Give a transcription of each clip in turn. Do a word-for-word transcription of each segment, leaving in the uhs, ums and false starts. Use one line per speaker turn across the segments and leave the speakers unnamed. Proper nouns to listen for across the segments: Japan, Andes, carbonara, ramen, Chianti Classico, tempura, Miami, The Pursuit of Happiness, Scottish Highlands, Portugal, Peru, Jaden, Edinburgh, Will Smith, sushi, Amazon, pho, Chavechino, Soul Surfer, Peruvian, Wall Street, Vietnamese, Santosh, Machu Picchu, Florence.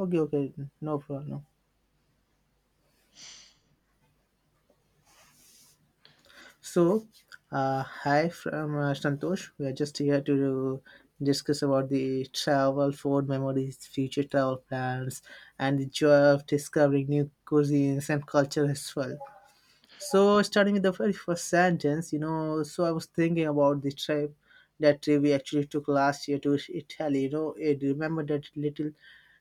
Okay, okay, no problem. So, uh, hi from uh, Santosh. We are just here to discuss about the travel, food memories, future travel plans, and the joy of discovering new cuisines and culture as well. So, starting with the very first sentence, you know, so I was thinking about the trip that trip we actually took last year to Italy. You know, I remember that little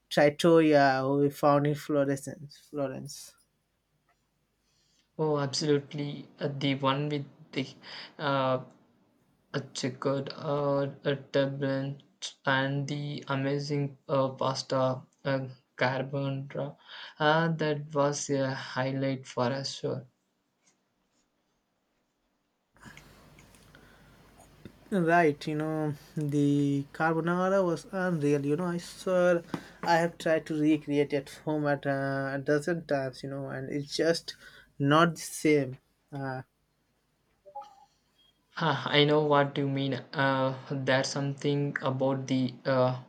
trattoria we found in Florence. Florence.
Oh, absolutely. Uh, the one with the uh, a checkered uh, a turban and the amazing uh, pasta uh, carbonara. Uh, that was a highlight for us, sure.
Right, you know, the carbonara was unreal. You know, I swear I have tried to recreate at home at uh, a dozen times, you know, and it's just not the same. Uh,
Huh, I know what you mean. Uh, there's something about the uh,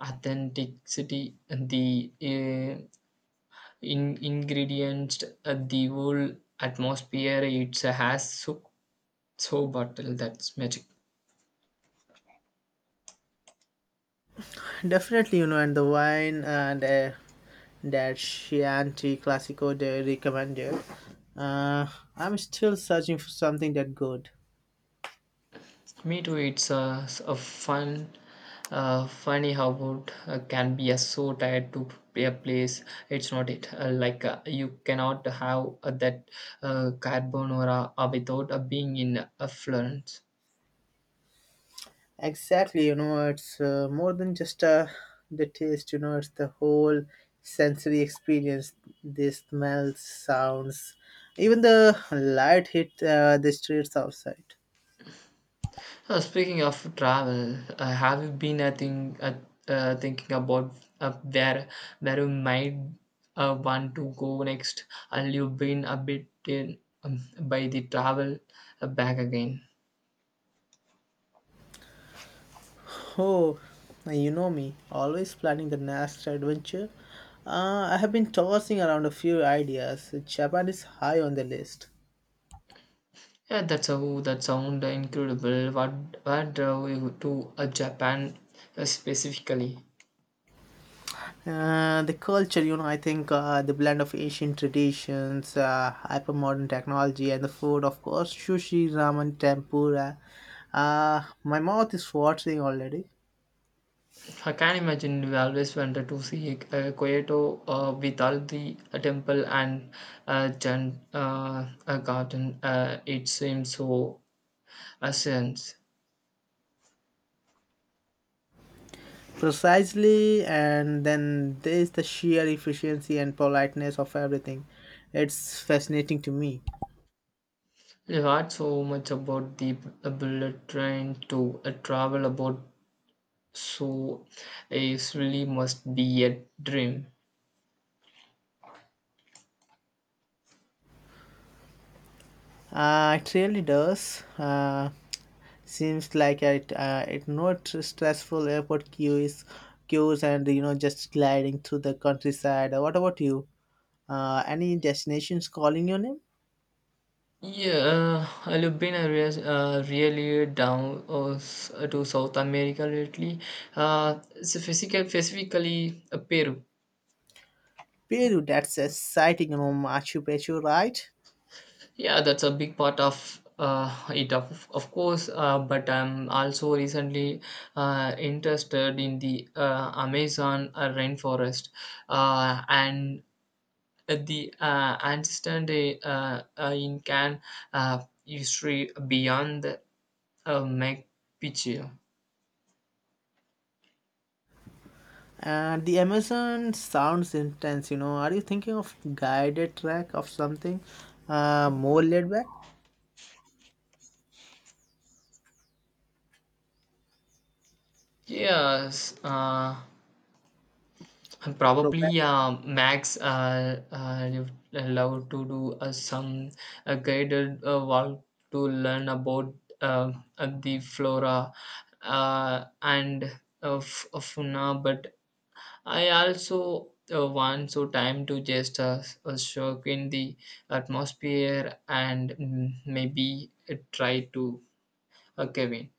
authenticity, the uh, in ingredients, uh, the whole atmosphere. It has so so bottle that's magic.
definitely, you know, and the wine and uh, that Chianti Classico they recommended. Uh, I'm still searching for something that good.
Me too. It's uh, s- a fun, uh, funny how it uh, can be uh, so tired to p- a place. It's not it. Uh, like uh, you cannot have uh, that uh, carbonara uh, without uh, being in uh, Florence.
Exactly, you know, it's uh, more than just uh, the taste, you know, it's the whole sensory experience. The smells, sounds, even the light hit uh, the streets outside.
Uh, speaking of travel, uh, have you been uh, think, uh, uh, thinking about uh, where where you might uh, want to go next? And you've been a bit in, um, by the travel uh, back again.
Oh, you know me, always planning the next adventure. Uh, I have been tossing around a few ideas. Japan is high on the list.
Yeah, that's a that sound incredible. What what drove you to uh, Japan uh, specifically?
Uh, the culture, you know, I think uh, the blend of Asian traditions, uh, hypermodern technology, and the food, of course, sushi, ramen, tempura. Uh, my mouth is watering already.
I can imagine you always wanted to see uh, Kyoto uh, with all the uh, temple and uh, gen, uh, uh, garden. Uh, it seems so essence.
Precisely, and then there's the sheer efficiency and politeness of everything. It's fascinating to me.
You heard so much about the b- uh, bullet train to uh, travel about, so it really must be a dream.
Uh, it really does. Uh, seems like it. Uh, it not stressful airport queues, queues, and you know just gliding through the countryside. Uh, What about you? Uh, any destinations calling your name?
Yeah, uh, I've been a res- uh, really down uh, s- to South America lately. Uh, specifically, specifically uh, Peru.
Peru. That's exciting. You know Machu Picchu, right?
Yeah, that's a big part of uh, it, of, of course. Uh, but I'm also recently uh, interested in the uh, Amazon uh, rainforest uh, and the uh, ancestor uh, uh, Incan uh, history beyond the uh, Machu Picchu.
And the Amazon sounds intense. You know, are you thinking of guided track of something uh, more laid
Yes, uh, and
back?
probably uh, Max uh, uh, you love to do uh, some uh, guided uh, walk to learn about uh, uh, the flora uh, and uh, f- uh, fauna. But I also uh, want so time to just uh, uh, soak in the atmosphere and mm, maybe uh, try to uh, Kevin.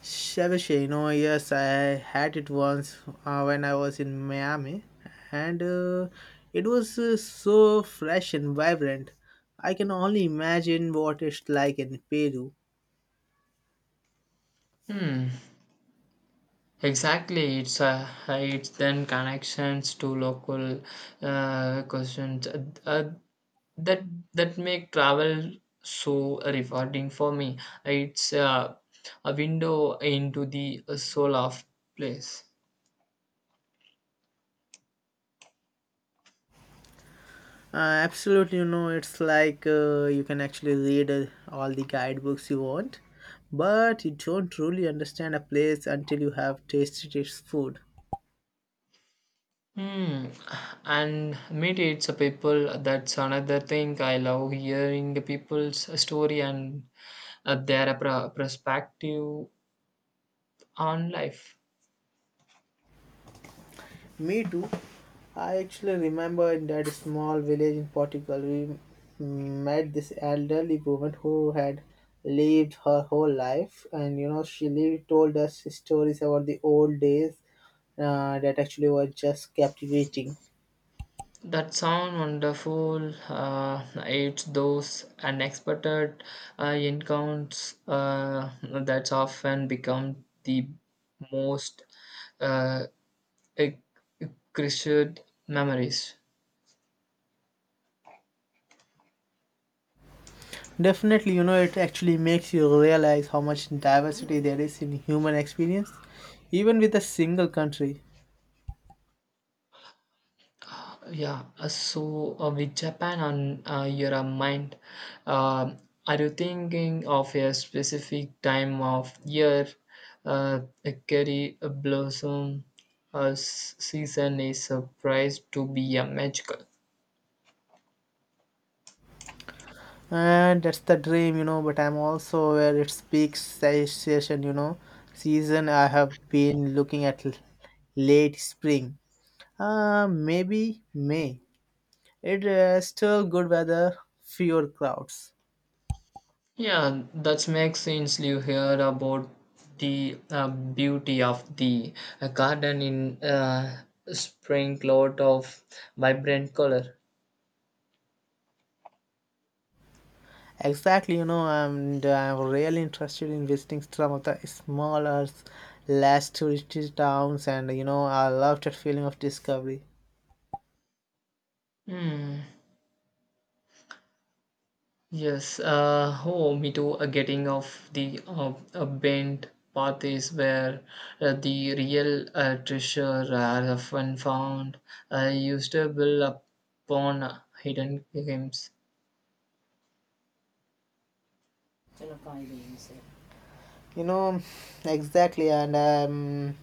Chavechino, yes, I had it once uh, when I was in Miami, and uh, it was uh, so fresh and vibrant. I can only imagine what it's like in Peru.
Hmm. Exactly, it's uh, it's then connections to local uh, questions uh, uh, that that make travel so rewarding for me. It's uh, a window into the soul of place.
Uh, absolutely, you know, it's like uh, you can actually read uh, all the guidebooks you want, but you don't truly understand a place until you have tasted its food.
Hmm. And maybe it's a people. That's another thing I love hearing the people's story and uh, their pro- perspective on life.
Me too. I actually remember in that small village in Portugal, we met this elderly woman who had lived her whole life, and you know, she lived, told us stories about the old days uh, that actually were just captivating.
That sound wonderful. Uh, it's those unexpected uh, encounters uh, that often become the most uh, e- e- treasured memories.
Definitely, you know, it actually makes you realize how much diversity there is in human experience, even with a single country.
Yeah, uh, so uh, with Japan on uh, your uh, mind, um are you thinking of a specific time of year, uh, a cherry blossom uh, s- season is surprised to be a magical?
And that's the dream, you know, but I'm also aware it's peak se- session, you know, season I have been looking at l- late spring. Uh, maybe May. It uh, still good weather, fewer crowds.
Yeah, that makes sense. You hear about the uh, beauty of the uh, garden in uh, spring, lot of vibrant color.
Exactly, you know, and I'm really interested in visiting some of the smaller, less touristy towns, and you know, I love that feeling of discovery.
Hmm. Yes, uh, oh, me too. A getting off the uh, a bent path is where uh, the real uh, treasure are often found. I used to build upon hidden gems.
You know, exactly, and um,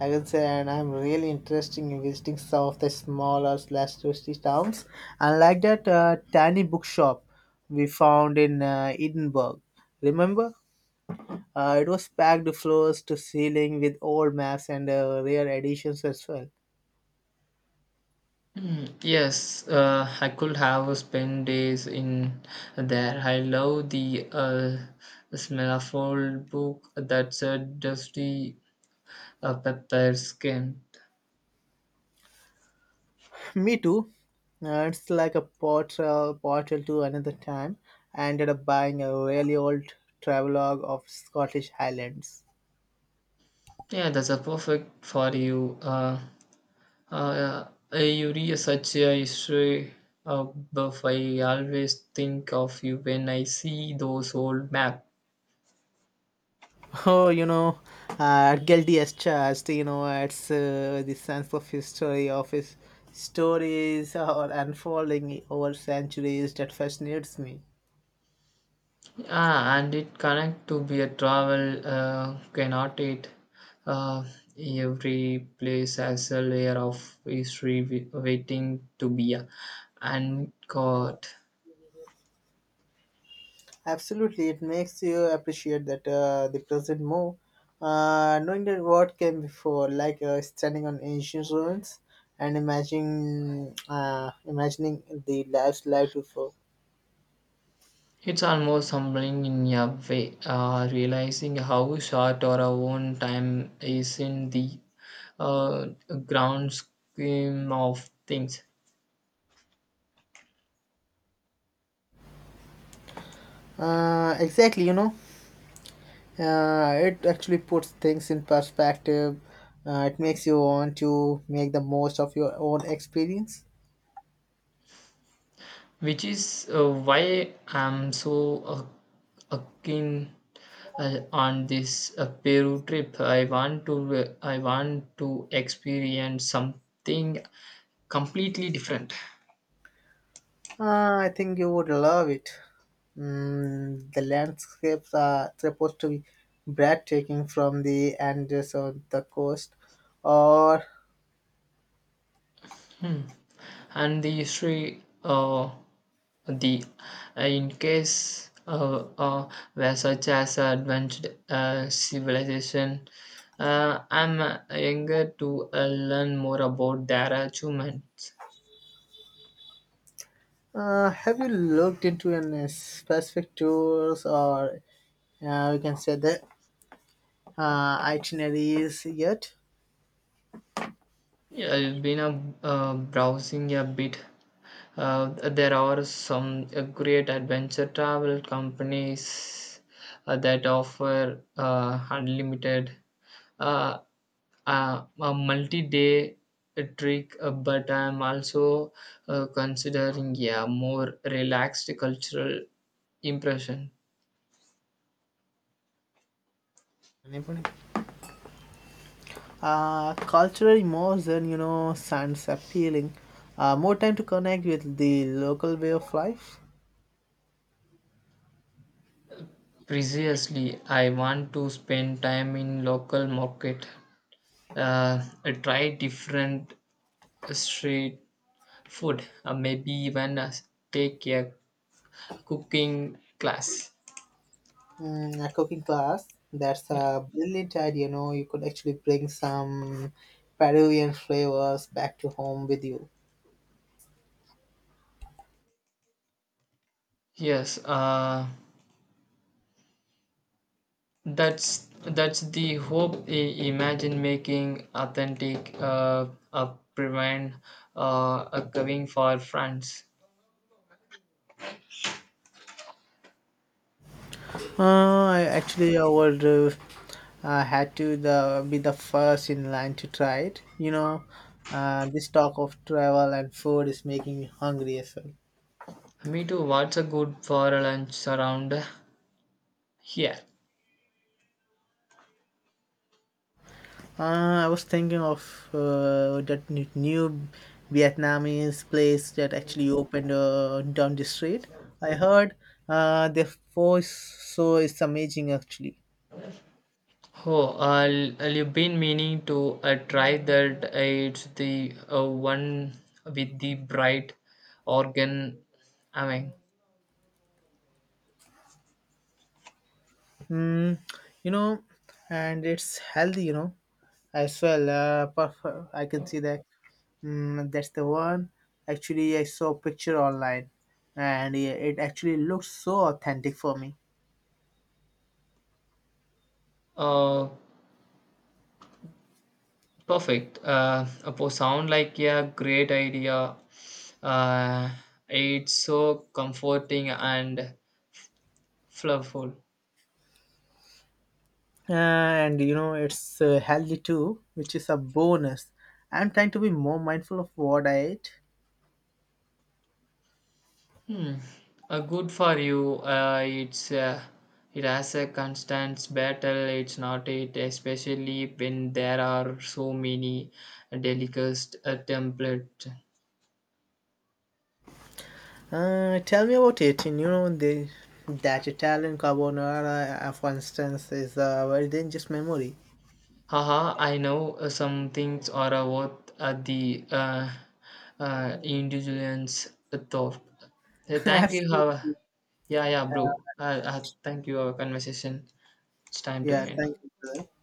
I can say, and I'm really interested in visiting some of the smaller slash touristy towns. And like that uh, tiny bookshop we found in uh, Edinburgh. Remember? Uh, it was packed floors to ceiling with old maps and uh, rare editions as well.
Hmm, yes, uh, I could have spent days in there. I love the uh, smell of old book that's a dusty uh, pepper skin.
Me too. Uh, it's like a portal, portal to another time. I ended up buying a really old travelogue of Scottish Highlands.
Yeah, that's a perfect for you. Uh, Uh, you read such a history uh, buff. I always think of you when I see those old map.
Oh, you know, uh, guilty as charged. You know, it's uh, the sense of history of his stories or unfolding over centuries that fascinates me.
Ah, and it connect to be a travel uh, cannot it? Uh, every place has a layer of history wi- waiting to be uh, uncovered.
Absolutely, it makes you appreciate that uh, the present more, uh, knowing that what came before, like uh, standing on ancient ruins and imagining, uh, imagining the lives lived before.
It's almost humbling in a way, uh, realizing how short our own time is in the uh, ground scheme of things,
Uh, exactly, you know. Uh, it actually puts things in perspective. Uh, it makes you want to make the most of your own experience.
which is uh, why I'm so uh, uh, keen uh, on this uh, Peru trip. I want to uh, I want to experience something completely different.
Uh, I think you would love it. Mm, the landscapes are supposed to be breathtaking from the Andes or the coast. Or
Hmm. And the history, uh, the uh, in case uh, uh, where such as advanced uh, civilization, uh, I'm uh, eager to uh, learn more about their achievements.
uh, have you looked into any specific tours or uh, we can say the uh, itineraries yet?
Yeah, I've been uh, uh, browsing a bit. Uh, there are some uh, great adventure travel companies uh, that offer uh, unlimited. Uh, uh, a multi-day trick, uh, but I'm also uh, considering a more relaxed cultural impression.
Anybody? Uh, culturally more than you know, sounds appealing. Uh, more time to connect with the local way of life.
Precisely, I want to spend time in local market, uh, try different street food, uh, maybe even uh, take a cooking class.
Mm, a cooking class, that's
Yeah.
a brilliant idea. You know, you could actually bring some Peruvian flavors back to home with you.
Yes. Uh, That's that's the hope. I- imagine making authentic uh, a prevent uh, a covering for France.
Uh, I actually, I would uh, uh, had to the be the first in line to try it. You know, uh, this talk of travel and food is making me hungry as well.
Me too. What's a good for a lunch around here?
Uh, I was thinking of uh, that n- new Vietnamese place that actually opened uh, down the street. I heard uh, the pho is so it's amazing actually.
Oh, I'll, I'll you've been meaning to uh, try that. Uh, it's the uh, one with the bright organ. I mean,
Mm, you know, and it's healthy, you know, as well. Uh, perf- I can see that. Mm, that's the one. Actually, I saw a picture online, and it it actually looks so authentic for me.
uh, perfect. Uh, Apo sound like a great idea. Uh, it's so comforting and flavorful.
Uh, and you know it's uh, healthy too, which is a bonus. I'm trying to be more mindful of what I eat.
Hmm. Uh, good for you. Uh, it's uh, it has a constant battle. It's not it, especially when there are so many delicate uh, template.
Uh, tell me about it. And you know the that Italian carbonara, uh, for instance, is a very dangerous memory.
Haha, I know uh, some things are uh, worth at the uh, uh, individual's thought. Uh, thank you. Have
Absolutely,
a- yeah, yeah, bro. Uh, uh, thank you. Our conversation. It's time to yeah
yeah,
end.
thank you, brother.